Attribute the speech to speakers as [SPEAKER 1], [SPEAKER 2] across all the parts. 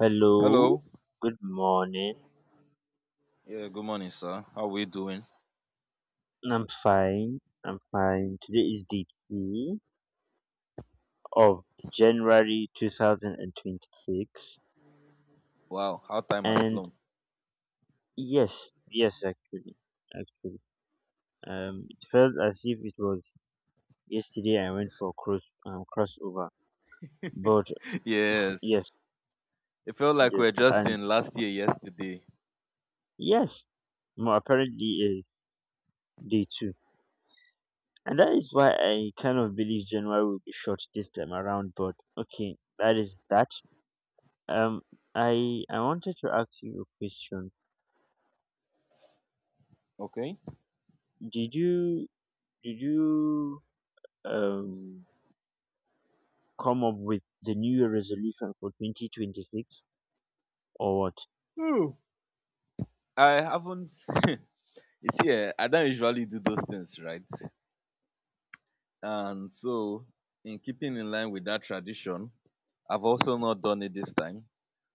[SPEAKER 1] Hello,
[SPEAKER 2] Hello.
[SPEAKER 1] good morning.
[SPEAKER 2] Yeah, good morning, sir. How we doing?
[SPEAKER 1] I'm fine. I'm fine. Today is the 2nd of January 2026. And 26.
[SPEAKER 2] Wow, how time has
[SPEAKER 1] And
[SPEAKER 2] flown.
[SPEAKER 1] yes, yes, actually. Actually. It felt as if it was yesterday I went for crossover. But yes,
[SPEAKER 2] Yes. It felt like
[SPEAKER 1] yes,
[SPEAKER 2] we are just
[SPEAKER 1] and
[SPEAKER 2] in last year yesterday.
[SPEAKER 1] yes, more apparently is day 2. And that is why I kind of believe January will be short this time around. But okay, that is that. Um, I wanted to ask you a question.
[SPEAKER 2] Okay.
[SPEAKER 1] Did you did you um come up with the New Year resolution for 2026 or what?
[SPEAKER 2] Ooh. I haven't you see, I don't usually do those things, right? And so, in keeping in line with that tradition, I've also not done it this time.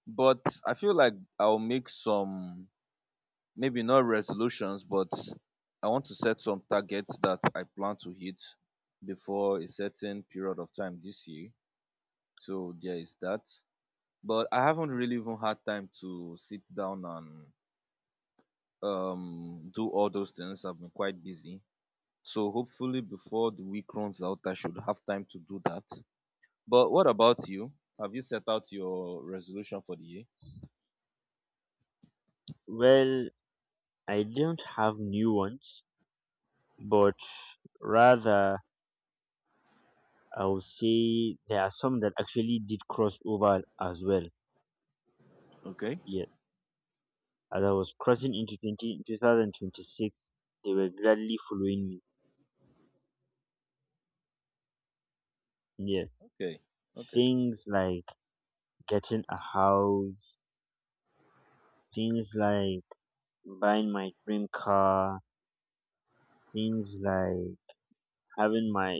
[SPEAKER 2] But I feel like I'll make some, maybe not resolutions, but I want to set some targets that I plan to hit before a certain period of time this year. So there is that. But I haven't really even had time to sit down and do all those things. I've been quite busy. So hopefully before the week runs out, I should have time to do that. But what about you? Have you set out your resolution for the year?
[SPEAKER 1] Well, I don't have new ones, but rather I would say there are some that actually did cross over as well.
[SPEAKER 2] Okay.
[SPEAKER 1] Yeah, as I was crossing into 20 2026, they were gladly following me. Yeah,
[SPEAKER 2] Okay. Okay.
[SPEAKER 1] things like getting a house. Things like buying my dream car, things like having my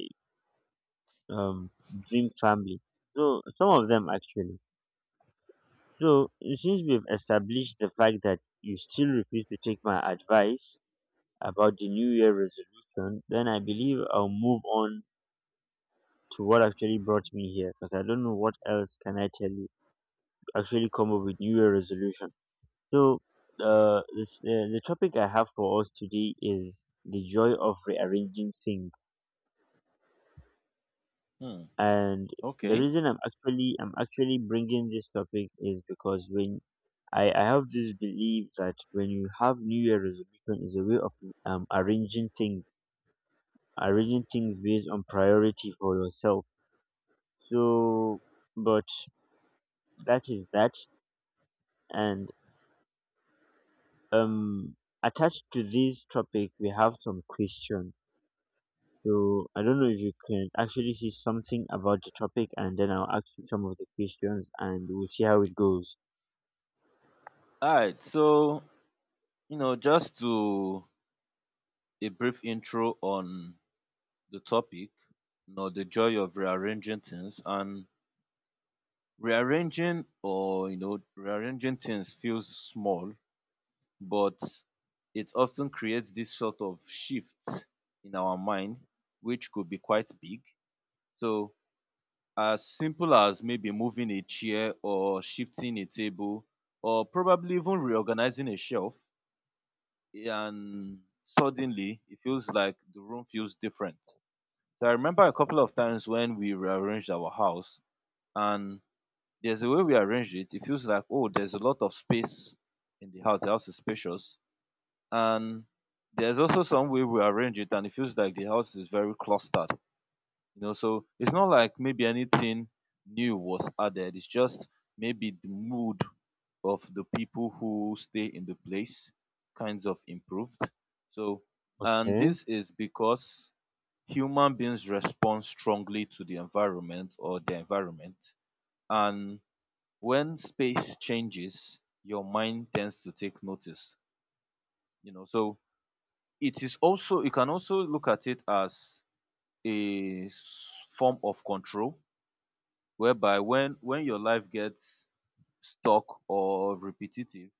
[SPEAKER 1] um, dream family. So, some of them actually. So, since we've established the fact that you still refuse to take my advice about the New Year resolution, then I believe I'll move on to what actually brought me here because I don't know what else can I tell you to actually come up with New Year resolution. So, the topic I have for us today is the joy of rearranging things.
[SPEAKER 2] Hmm.
[SPEAKER 1] And the
[SPEAKER 2] Okay.
[SPEAKER 1] reason I'm actually bringing this topic is because when I have this belief that when you have new year resolution is a way of arranging things, based on priority for yourself. So, but that is that. And um attached to this topic we have some questions, so I don't know if you can actually see something about the topic, and then I'll ask you some of the questions and we'll see how it goes.
[SPEAKER 2] All right. So, you know, just to a brief intro on the topic, you know, the joy of rearranging things, and rearranging or you know, rearranging things feels small, but it often creates this sort of shift in our mind, which could be quite big. So as simple as maybe moving a chair or shifting a table or probably even reorganizing a shelf, and suddenly it feels like the room feels different. So I remember a couple of times when we rearranged our house, and there's a way we arranged it. It feels like, oh, there's a lot of space in the house. The house is spacious. And there's also some way we arrange it, and it feels like the house is very clustered. You know, so it's not like maybe anything new was added. It's just maybe the mood of the people who stay in the place kinds of improved. So. And
[SPEAKER 1] Okay.
[SPEAKER 2] this is because human beings respond strongly to the environment, and when space changes, your mind tends to take notice, you know. So it is also, you can also look at it as a form of control, whereby when your life gets stuck or repetitive,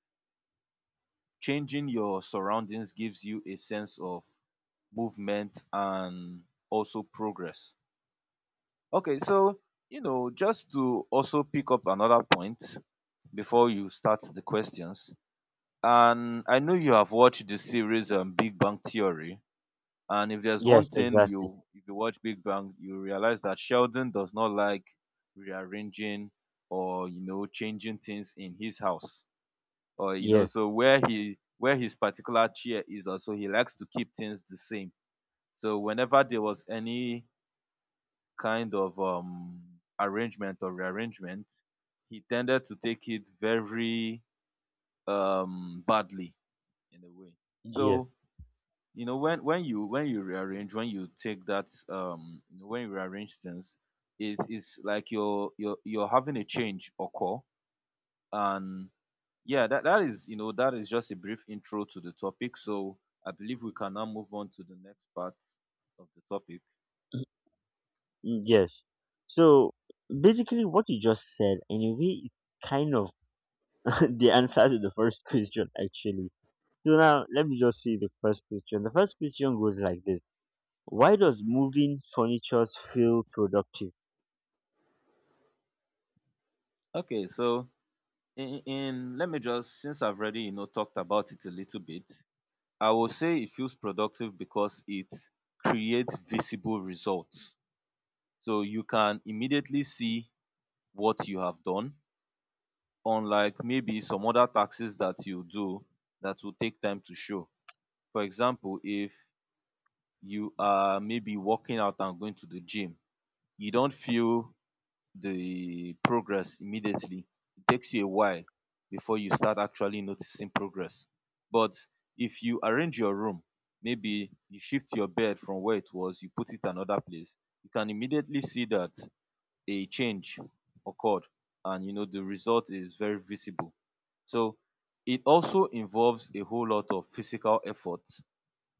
[SPEAKER 2] changing your surroundings gives you a sense of movement and also progress. Okay, so, you know, just to also pick up another point before you start the questions, and I know you have watched the series Big Bang Theory, and if there's
[SPEAKER 1] Yes,
[SPEAKER 2] one thing,
[SPEAKER 1] exactly.
[SPEAKER 2] you if you watch Big Bang, you realize that Sheldon does not like rearranging, or you know, changing things in his house, or you know,
[SPEAKER 1] Yes,
[SPEAKER 2] so where he where his particular chair is, also he likes to keep things the same. So whenever there was any kind of arrangement or rearrangement, he tended to take it very, badly, in a way.
[SPEAKER 1] yes,
[SPEAKER 2] So, you know, when you rearrange, when you take that when you rearrange things, it's like you're having a change occur, and yeah, that is just a brief intro to the topic. So I believe we can now move on to the next part of the topic.
[SPEAKER 1] mm, mm, yes. So basically, what you just said, anyway, is kind of the answer to the first question, actually. So now, let me just see the first question. The first question goes like this. Why does moving furniture feel productive?
[SPEAKER 2] Okay, so, in let me just, since I've already, you know, talked about it a little bit, I will say it feels productive because it creates visible results. So you can immediately see what you have done, unlike maybe some other taxes that you do that will take time to show. For example, if you are maybe working out and going to the gym, you don't feel the progress immediately. It takes you a while before you start actually noticing progress. But if you arrange your room, maybe you shift your bed from where it was, you put it another place, you can immediately see that a change occurred, and you know, the result is very visible. So it also involves a whole lot of physical effort,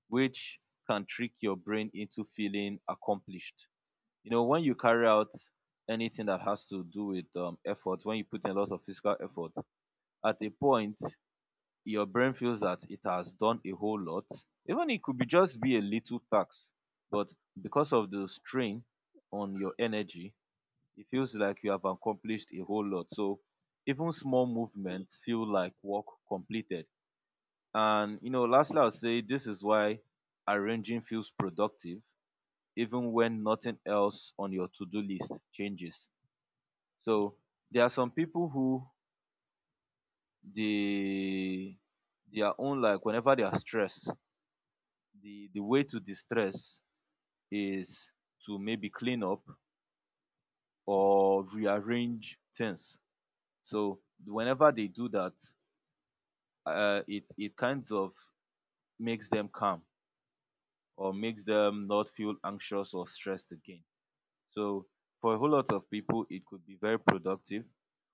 [SPEAKER 2] which can trick your brain into feeling accomplished. You know, when you carry out anything that has to do with, effort, when you put in a lot of physical effort, at a point your brain feels that it has done a whole lot. Even it could be just be a little task, but because of the strain on your energy, it feels like you have accomplished a whole lot. So even small movements feel like work completed. And you know, lastly, I'll say this is why arranging feels productive, even when nothing else on your to-do list changes. So, there are some people who, they, their own, like whenever they are stressed, the way to distress is to maybe clean up or rearrange things. So whenever they do that, it kind of makes them calm, or makes them not feel anxious or stressed again. So for a whole lot of people, it could be very productive.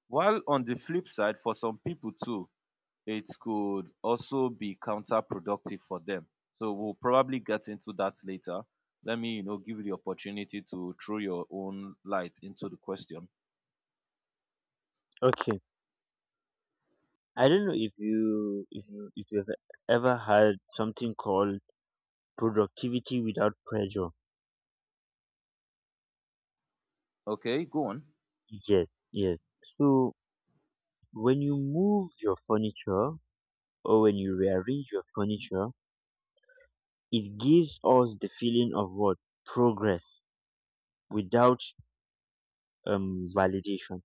[SPEAKER 2] While on the flip side, for some people too, it could also be counterproductive for them. So we'll probably get into that later. Let me, you know, give you the opportunity to throw your own light into the question.
[SPEAKER 1] Okay, I don't know if you if you if you've ever had something called productivity without pressure.
[SPEAKER 2] Okay, go on.
[SPEAKER 1] Yes, yes. So when you move your furniture or when you rearrange your furniture, it gives us the feeling of what? Progress without validation.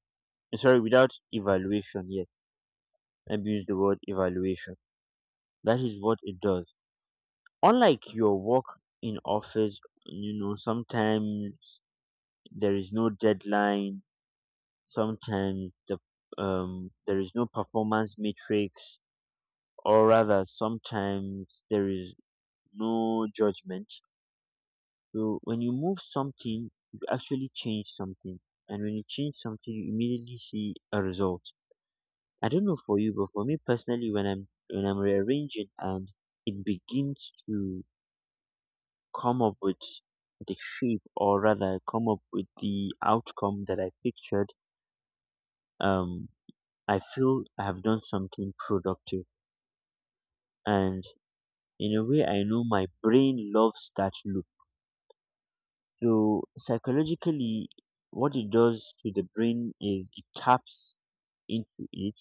[SPEAKER 1] Sorry, without evaluation, yes. Let me use the word evaluation. That is what it does. Unlike your work in office, sometimes there is no deadline, sometimes there is no performance matrix, or rather sometimes there is no judgment. So when you move something, you actually change something. And when you change something, you immediately see a result. I don't know for you, but for me personally, when I'm rearranging and it begins to come up with the shape, or rather come up with the outcome that I pictured, um, I feel I have done something productive. And in a way I know my brain loves that look. So psychologically, what it does to the brain is it taps into it,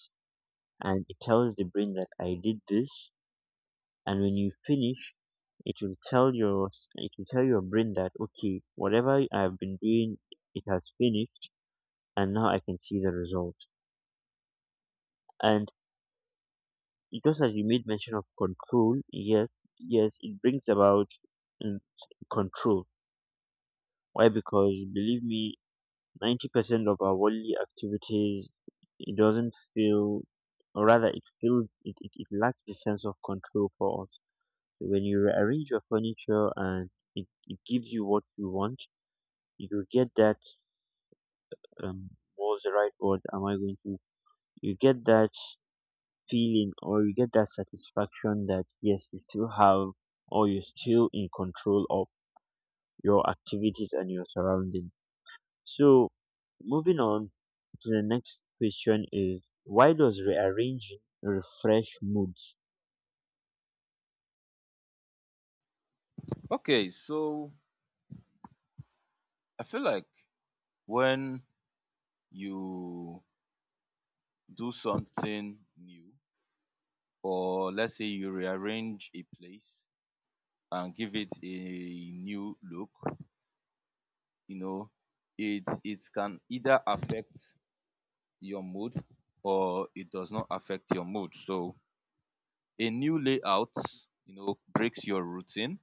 [SPEAKER 1] and it tells the brain that I did this. And when you finish, it will tell your brain that okay, whatever I've been doing, it has finished, and now I can see the result. And just as you made mention of control, yes, yes, it brings about mm, control. Why? Because believe me, 90% of our worldly activities it doesn't feel, or rather it feels, it lacks the sense of control for us. So when you rearrange your furniture and it gives you what you want, you get that, what's the right word am I going to, you get that feeling, or you get that satisfaction that yes, you still have, or you're still in control of your activities and your surroundings. So, moving on to the next question is, why does rearranging refresh moods?
[SPEAKER 2] Okay, so I feel like when you do something new, or let's say you rearrange a place and give it a new look, you know, it can either affect your mood, or it does not affect your mood. So a new layout, you know, breaks your routine,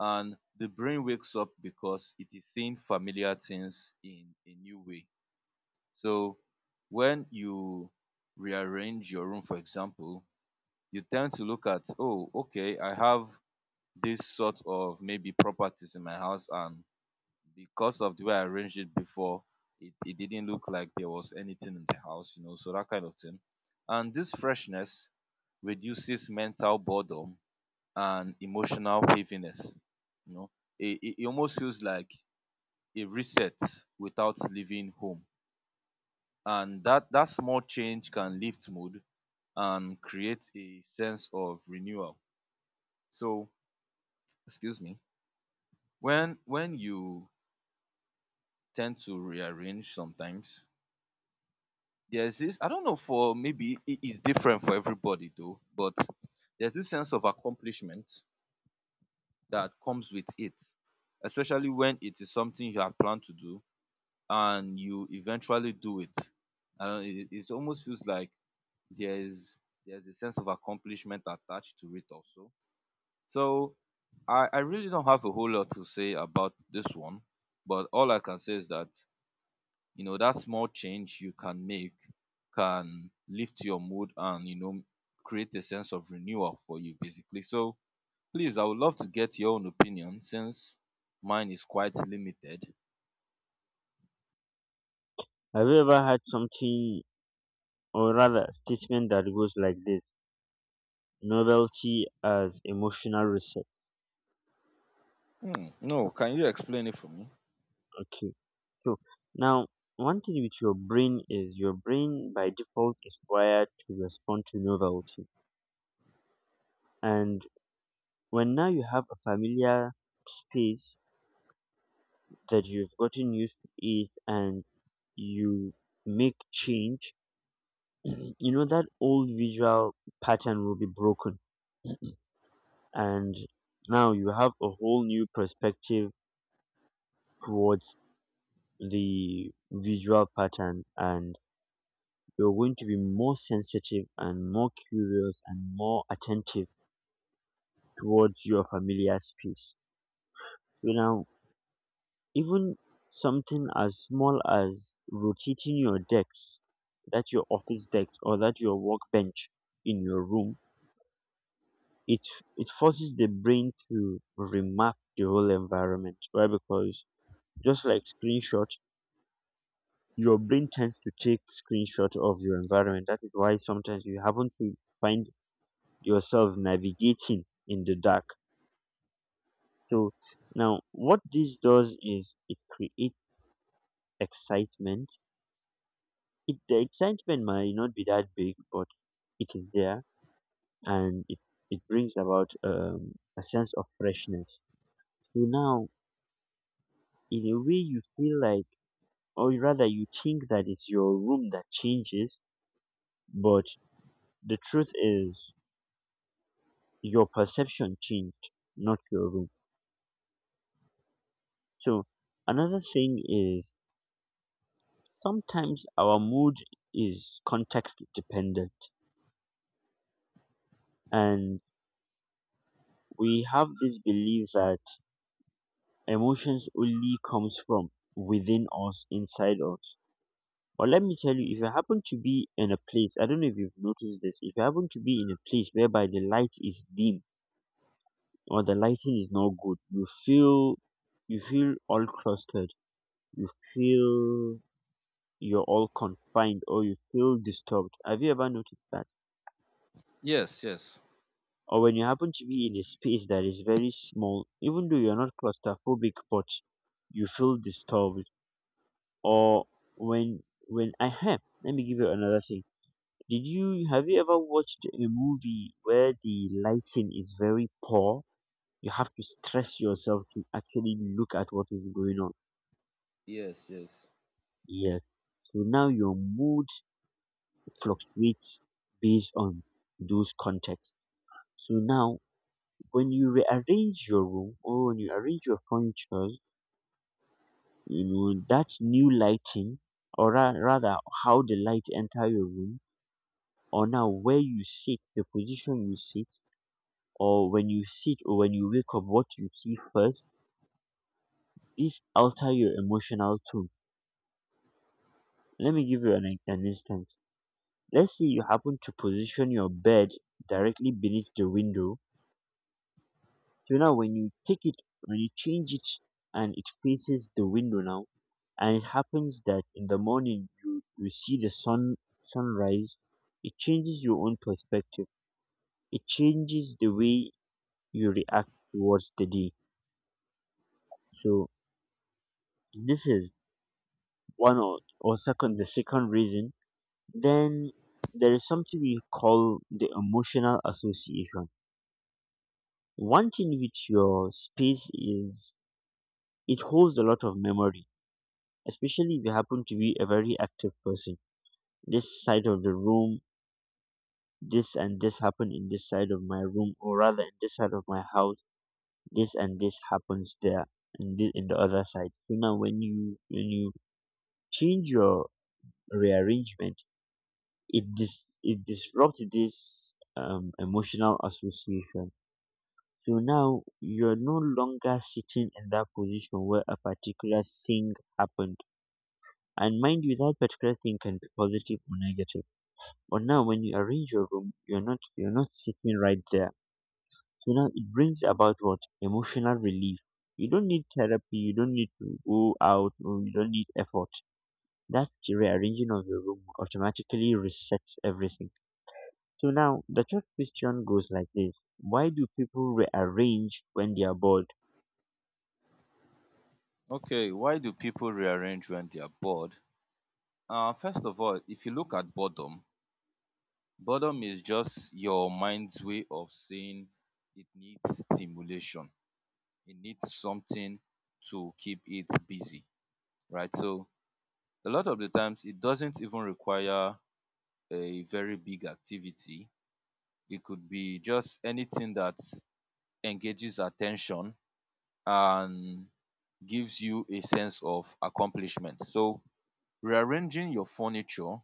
[SPEAKER 2] and the brain wakes up because it is seeing familiar things in a new way. So when you rearrange your room, for example, you tend to look at, oh, okay, I have this sort of maybe properties in my house, and because of the way I arranged it before, it didn't look like there was anything in the house, you know, so that kind of thing. And this freshness reduces mental boredom and emotional heaviness. You know, it almost feels like a reset without leaving home. And that small change can lift mood and create a sense of renewal. So, excuse me, when you tend to rearrange sometimes, there's this, I don't know, for maybe it is different for everybody though, but there's this sense of accomplishment that comes with it, especially when it is something you have planned to do and you eventually do it. And it almost feels like there's there's a sense of accomplishment attached to it also. So I really don't have a whole lot to say about this one, but all I can say is that, you know, that small change you can make can lift your mood, and, you know, create a sense of renewal for you basically. So please, I would love to get your own opinion, since mine is quite limited.
[SPEAKER 1] Have you ever had something, or rather a statement that goes like this: novelty as emotional reset?
[SPEAKER 2] Hmm. No, can you explain it for me?
[SPEAKER 1] Okay, so now, one thing with your brain is your brain by default is wired to respond to novelty, and when now you have a familiar space that you've gotten used to it and you make change, you know that old visual pattern will be broken, and now you have a whole new perspective towards the visual pattern, and you're going to be more sensitive and more curious and more attentive towards your familiar space. You know, even something as small as rotating your decks, that your office decks or that your workbench in your room, it it forces the brain to remap the whole environment, right? Because just like screenshot, your brain tends to take screenshot of your environment. That is why sometimes you happen to find yourself navigating in the dark. So now, what this does is it creates excitement. The excitement might not be that big, but it is there. And it brings about a sense of freshness. So now, in a way you feel like, or rather you think that it's your room that changes, but the truth is your perception changed, not your room. So another thing is, sometimes our mood is context dependent, and we have this belief that emotions only comes from within us, inside us. But let me tell you, if you happen to be in a place, I don't know if you've noticed this, if you happen to be in a place whereby the light is dim, or the lighting is not good, you feel all clustered, you feel you're all confined, or you feel disturbed. Have you ever noticed that?
[SPEAKER 2] Yes, yes.
[SPEAKER 1] Or when you happen to be in a space that is very small, even though you're not claustrophobic, but you feel disturbed. Or when when I have let me give you another thing. Did you Have you ever watched a movie where the lighting is very poor, you have to stress yourself to actually look at what is going on?
[SPEAKER 2] Yes, yes.
[SPEAKER 1] Yes. So now your mood fluctuates based on those contexts. So now when you rearrange your room, or when you arrange your furniture, you know, that new lighting, or rather how the light enter your room, or now where you sit, the position you sit, or when you sit, or when you wake up, what you see first, this alter your emotional tone. Let me give you an instance. Let's say you happen to position your bed directly beneath the window. So now when you take it, when you change it, and it faces the window now, and it happens that in the morning you see the sunrise, it changes your own perspective. It changes the way you react towards the day. So this is one or second the second reason. Then there is something we call the emotional association. One thing with your space is it holds a lot of memory, especially if you happen to be a very active person. This side of the room, this and this happened in this side of my room, or rather in this side of my house, this and this happens there, and this in the other side. So now when you change your rearrangement, it disrupts this emotional association. So now you're no longer sitting in that position where a particular thing happened. And mind you, that particular thing can be positive or negative. But now when you arrange your room, you're not sitting right there. So now it brings about what? Emotional relief. You don't need therapy, you don't need to go out, or you don't need effort. That rearranging of your room automatically resets everything. So now the third question goes like this. Why do people rearrange when they are bored?
[SPEAKER 2] Okay. Why do people rearrange when they are bored? First of all, if you look at boredom, boredom is just your mind's way of saying it needs stimulation, it needs something to keep it busy, right? So a lot of the times it doesn't even require a very big activity. It could be just anything that engages attention and gives you a sense of accomplishment. So rearranging your furniture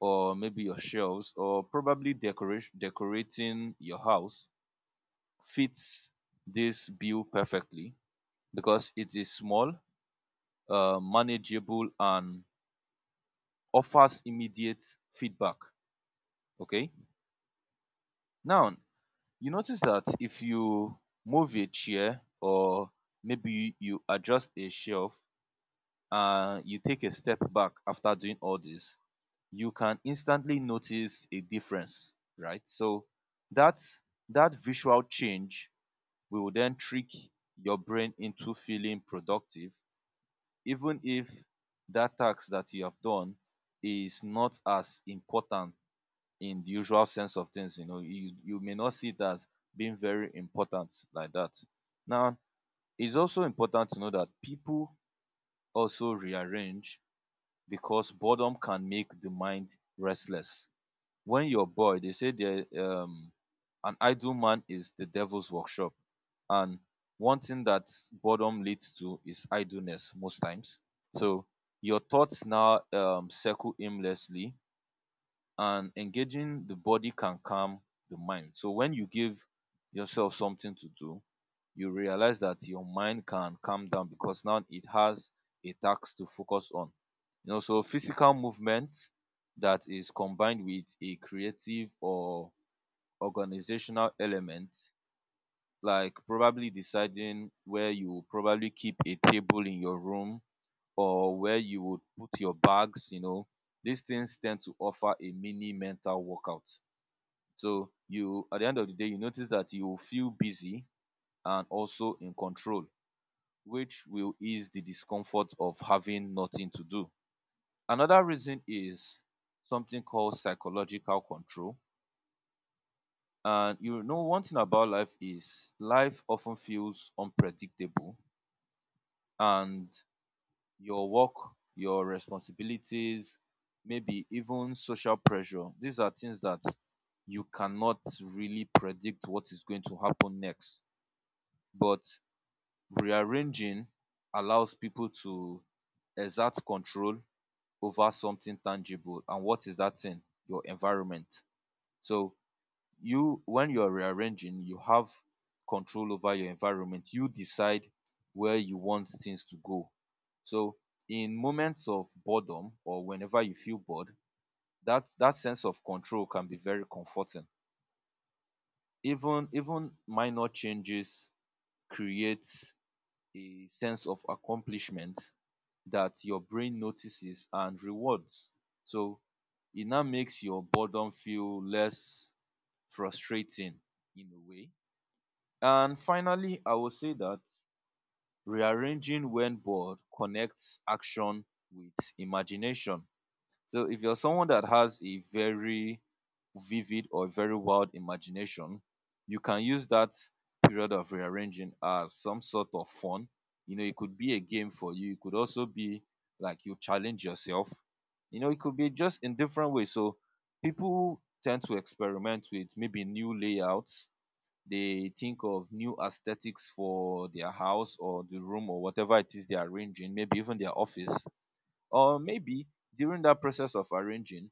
[SPEAKER 2] or maybe your shelves or probably decoration decorating your house fits this bill perfectly because it is small, manageable, and offers immediate feedback. Okay. Now, you notice that if you move a chair or maybe you adjust a shelf and you take a step back after doing all this, you can instantly notice a difference, right? So that that visual change will then trick your brain into feeling productive, even if that task that you have done is not as important in the usual sense of things. You know, you may not see it as being very important like that. Now, it's also important to know that people also rearrange because boredom can make the mind restless. When you're bored, they say, there an idle man is the devil's workshop. And one thing that boredom leads to is idleness most times. So your thoughts now circle aimlessly, and engaging the body can calm the mind. So when you give yourself something to do, you realize that your mind can calm down because now it has a task to focus on. You know, so physical movement that is combined with a creative or organizational element, like probably deciding where you will probably keep a table in your room or where you would put your bags, you know, these things tend to offer a mini mental workout. So you, at the end of the day, you notice that you will feel busy and also in control, which will ease the discomfort of having nothing to do. Another reason is something called psychological control. And you know, one thing about life is life often feels unpredictable, and your work, your responsibilities, maybe even social pressure, these are things that you cannot really predict what is going to happen next. But rearranging allows people to exert control over something tangible. And what is that thing? Your environment. So you, when you're rearranging, you have control over your environment. You decide where you want things to go. So in moments of boredom or whenever you feel bored, that sense of control can be very comforting. Even minor changes creates a sense of accomplishment that your brain notices and rewards. So it now makes your boredom feel less frustrating, in a way. And finally, I will say that rearranging when bored connects action with imagination. So if you're someone that has a very vivid or very wild imagination, you can use that period of rearranging as some sort of fun. You know, it could be a game for you. It could also be like you challenge yourself. You know, it could be just in different ways. So people tend to experiment with maybe new layouts. They think of new aesthetics for their house or the room or whatever it is they are arranging, maybe even their office, or maybe during that process of arranging,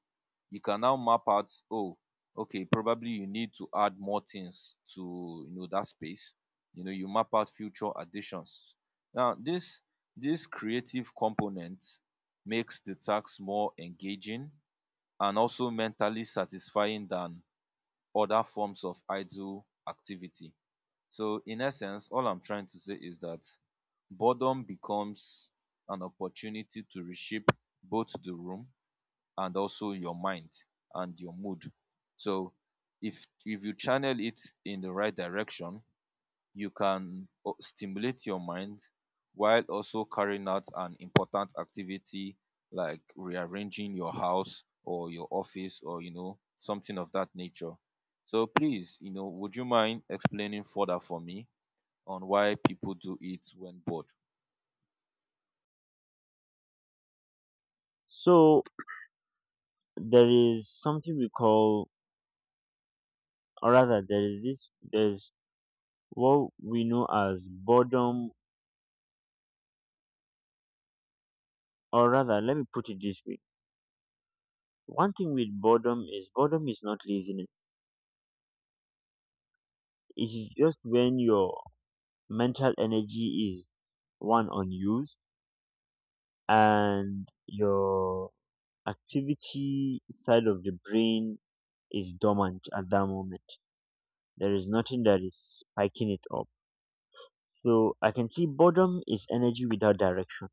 [SPEAKER 2] you can now map out, oh, okay, probably you need to add more things to, you know, that space. You know, you map out future additions. Now this creative component makes the task more engaging and also mentally satisfying than other forms of idle activity. So in essence, all I'm trying to say is that boredom becomes an opportunity to reshape both the room and also your mind and your mood. So if you channel it in the right direction, you can stimulate your mind while also carrying out an important activity like rearranging your house or your office, or you know, something of that nature. So please, you know, would you mind explaining further for me on why people do it when bored?
[SPEAKER 1] So there is something we call, or rather there is this there's what we know as boredom. Or rather, let me put it this way. One thing with boredom is, boredom is not laziness. It is just when your mental energy is one unused, and your activity side of the brain is dormant at that moment. There is nothing that is spiking it up. So I can see boredom is energy without direction.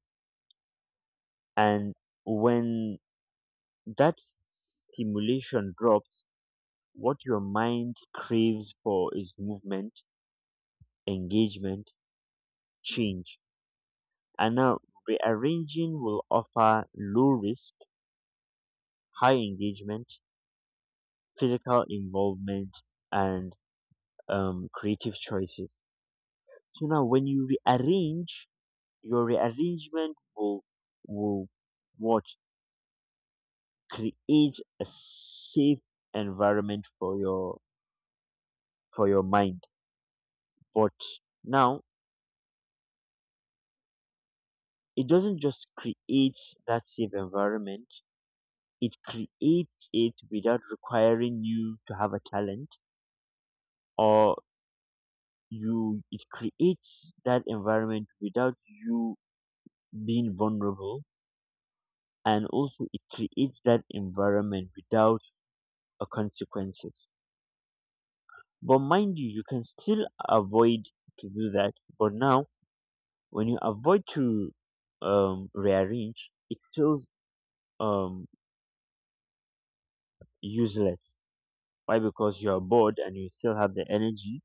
[SPEAKER 1] And when that stimulation drops, what your mind craves for is movement, engagement, change. And now, rearranging will offer low risk, high engagement, physical involvement, and creative choices. So now, when you rearrange, your rearrangement will, will what, create a safe environment for your mind. But now, it doesn't just create that safe environment; it creates it without requiring you to have a talent, or you it creates that environment without you being vulnerable, and also it creates that environment without a consequences. But mind you can still avoid to do that. But now when you avoid to rearrange, it feels um useless. Why? Because you are bored and you still have the energy.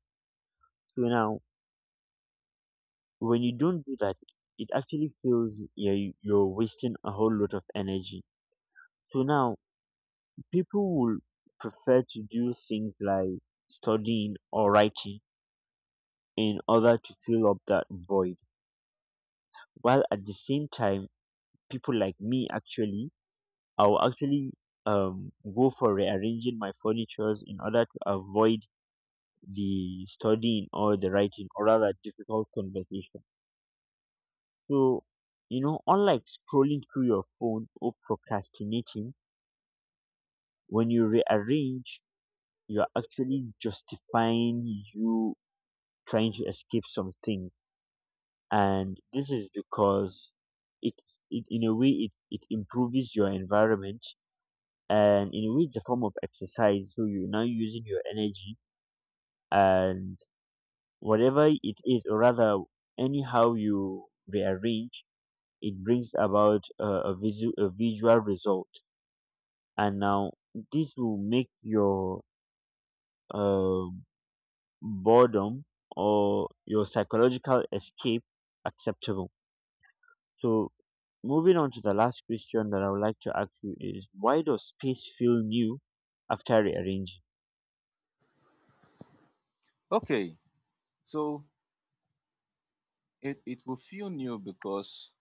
[SPEAKER 1] So now when you don't do that, it actually feels, yeah, you're wasting a whole lot of energy. So now, people would prefer to do things like studying or writing in order to fill up that void. While at the same time, people like me actually, I will actually go for rearranging my furnitures in order to avoid the studying, or the writing, or rather difficult conversation. So, unlike scrolling through your phone or procrastinating, when you rearrange, you're actually justifying you trying to escape something. And this is because it, it in a way it improves your environment, and in a way it's a form of exercise, so you're now using your energy. And whatever it is, or rather anyhow you rearrange, it brings about a visual result. And now this will make your um boredom or your psychological escape acceptable. So, moving on to the last question that I would like to ask you is, why does space feel new after rearranging?
[SPEAKER 2] Okay. So it will feel new because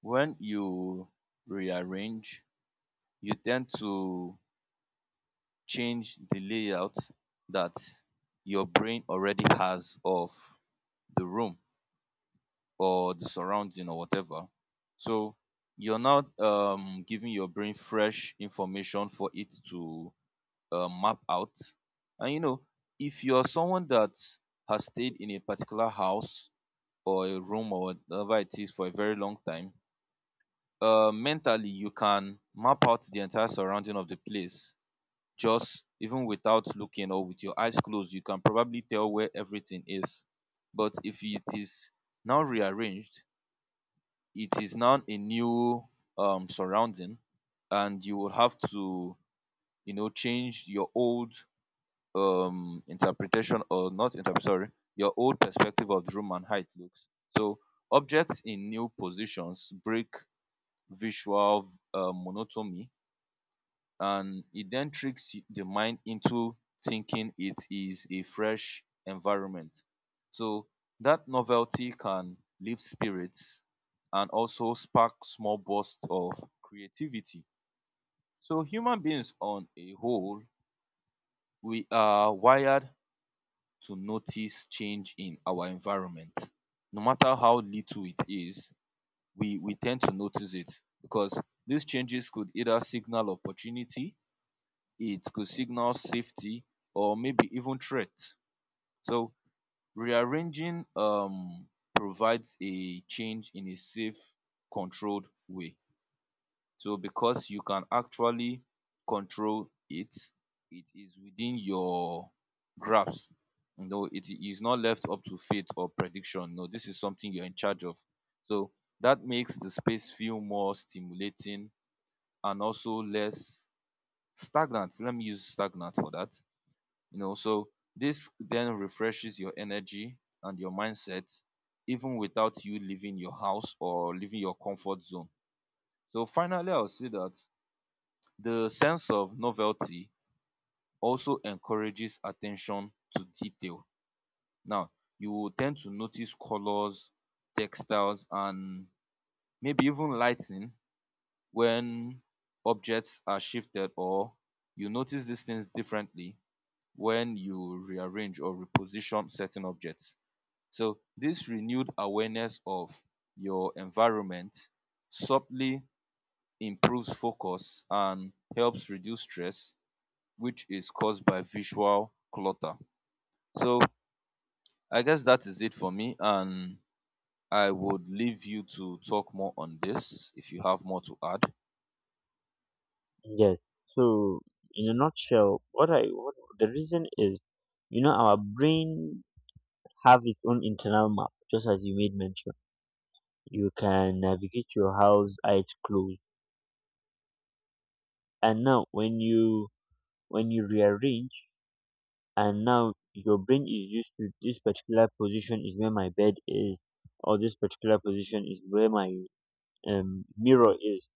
[SPEAKER 2] when you rearrange, you tend to change the layout that your brain already has of the room or the surrounding or whatever. So you're not giving your brain fresh information for it to map out. And you know, if you're someone that has stayed in a particular house or a room or whatever it is for a very long time, um, mentally you can map out the entire surrounding of the place. Just even without looking, or with your eyes closed, you can probably tell where everything is. But if it is now rearranged, it is now a new, um, surrounding, and you will have to, you know, change your old, um, interpretation, or not interpret, sorry, your old perspective of the room and height looks. So objects in new positions break visual, um, monotony, and it then tricks the mind into thinking it is a fresh environment. So that novelty can lift spirits and also spark small bursts of creativity. So human beings on a whole, we are wired to notice change in our environment. No matter how little it is, we tend to notice it because these changes could either signal opportunity, it could signal safety, or maybe even threat. So rearranging, provides a change in a safe, controlled way. So because you can actually control it, it is within your grasp. You know, it is not left up to fate or prediction. No, this is something you're in charge of. So that makes the space feel more stimulating and also less stagnant. Let me use stagnant for that. You know, so this then refreshes your energy and your mindset, even without you leaving your house or leaving your comfort zone. So finally, I'll say that the sense of novelty also encourages attention to detail. Now, you will tend to notice colors, textiles, and maybe even lighting when objects are shifted, or you notice these things differently when you rearrange or reposition certain objects. So this renewed awareness of your environment subtly improves focus and helps reduce stress, which is caused by visual clutter. So I guess that is it for me, and I would leave you to talk more on this if you have more to add.
[SPEAKER 1] Yes. So, in a nutshell, what the reason is, our brain have its own internal map, just as you made mention. You can navigate your house eyes closed. And now when you rearrange, and now your brain is used to, this particular position is where my bed is, or this particular position is where my mirror is.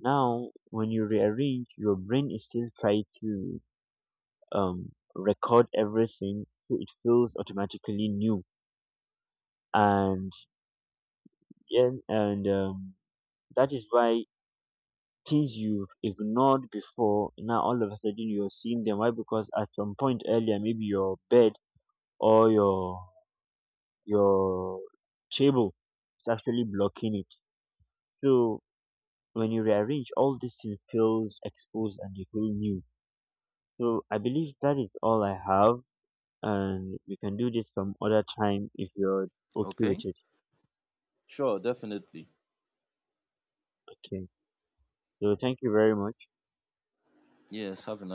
[SPEAKER 1] Now, when you rearrange, your brain is still trying to record everything, so it feels automatically new. And yeah, and that is why things you've ignored before now all of a sudden you're seeing them. Why? Because at some point earlier, maybe your bed or your table is actually blocking it. So when you rearrange, all these things feels exposed and you feel new. So I believe that is all I have, and we can do this some other time if you're okay with
[SPEAKER 2] Okay.
[SPEAKER 1] it.
[SPEAKER 2] Sure, definitely.
[SPEAKER 1] Okay. So thank you very much.
[SPEAKER 2] Yes, have a nice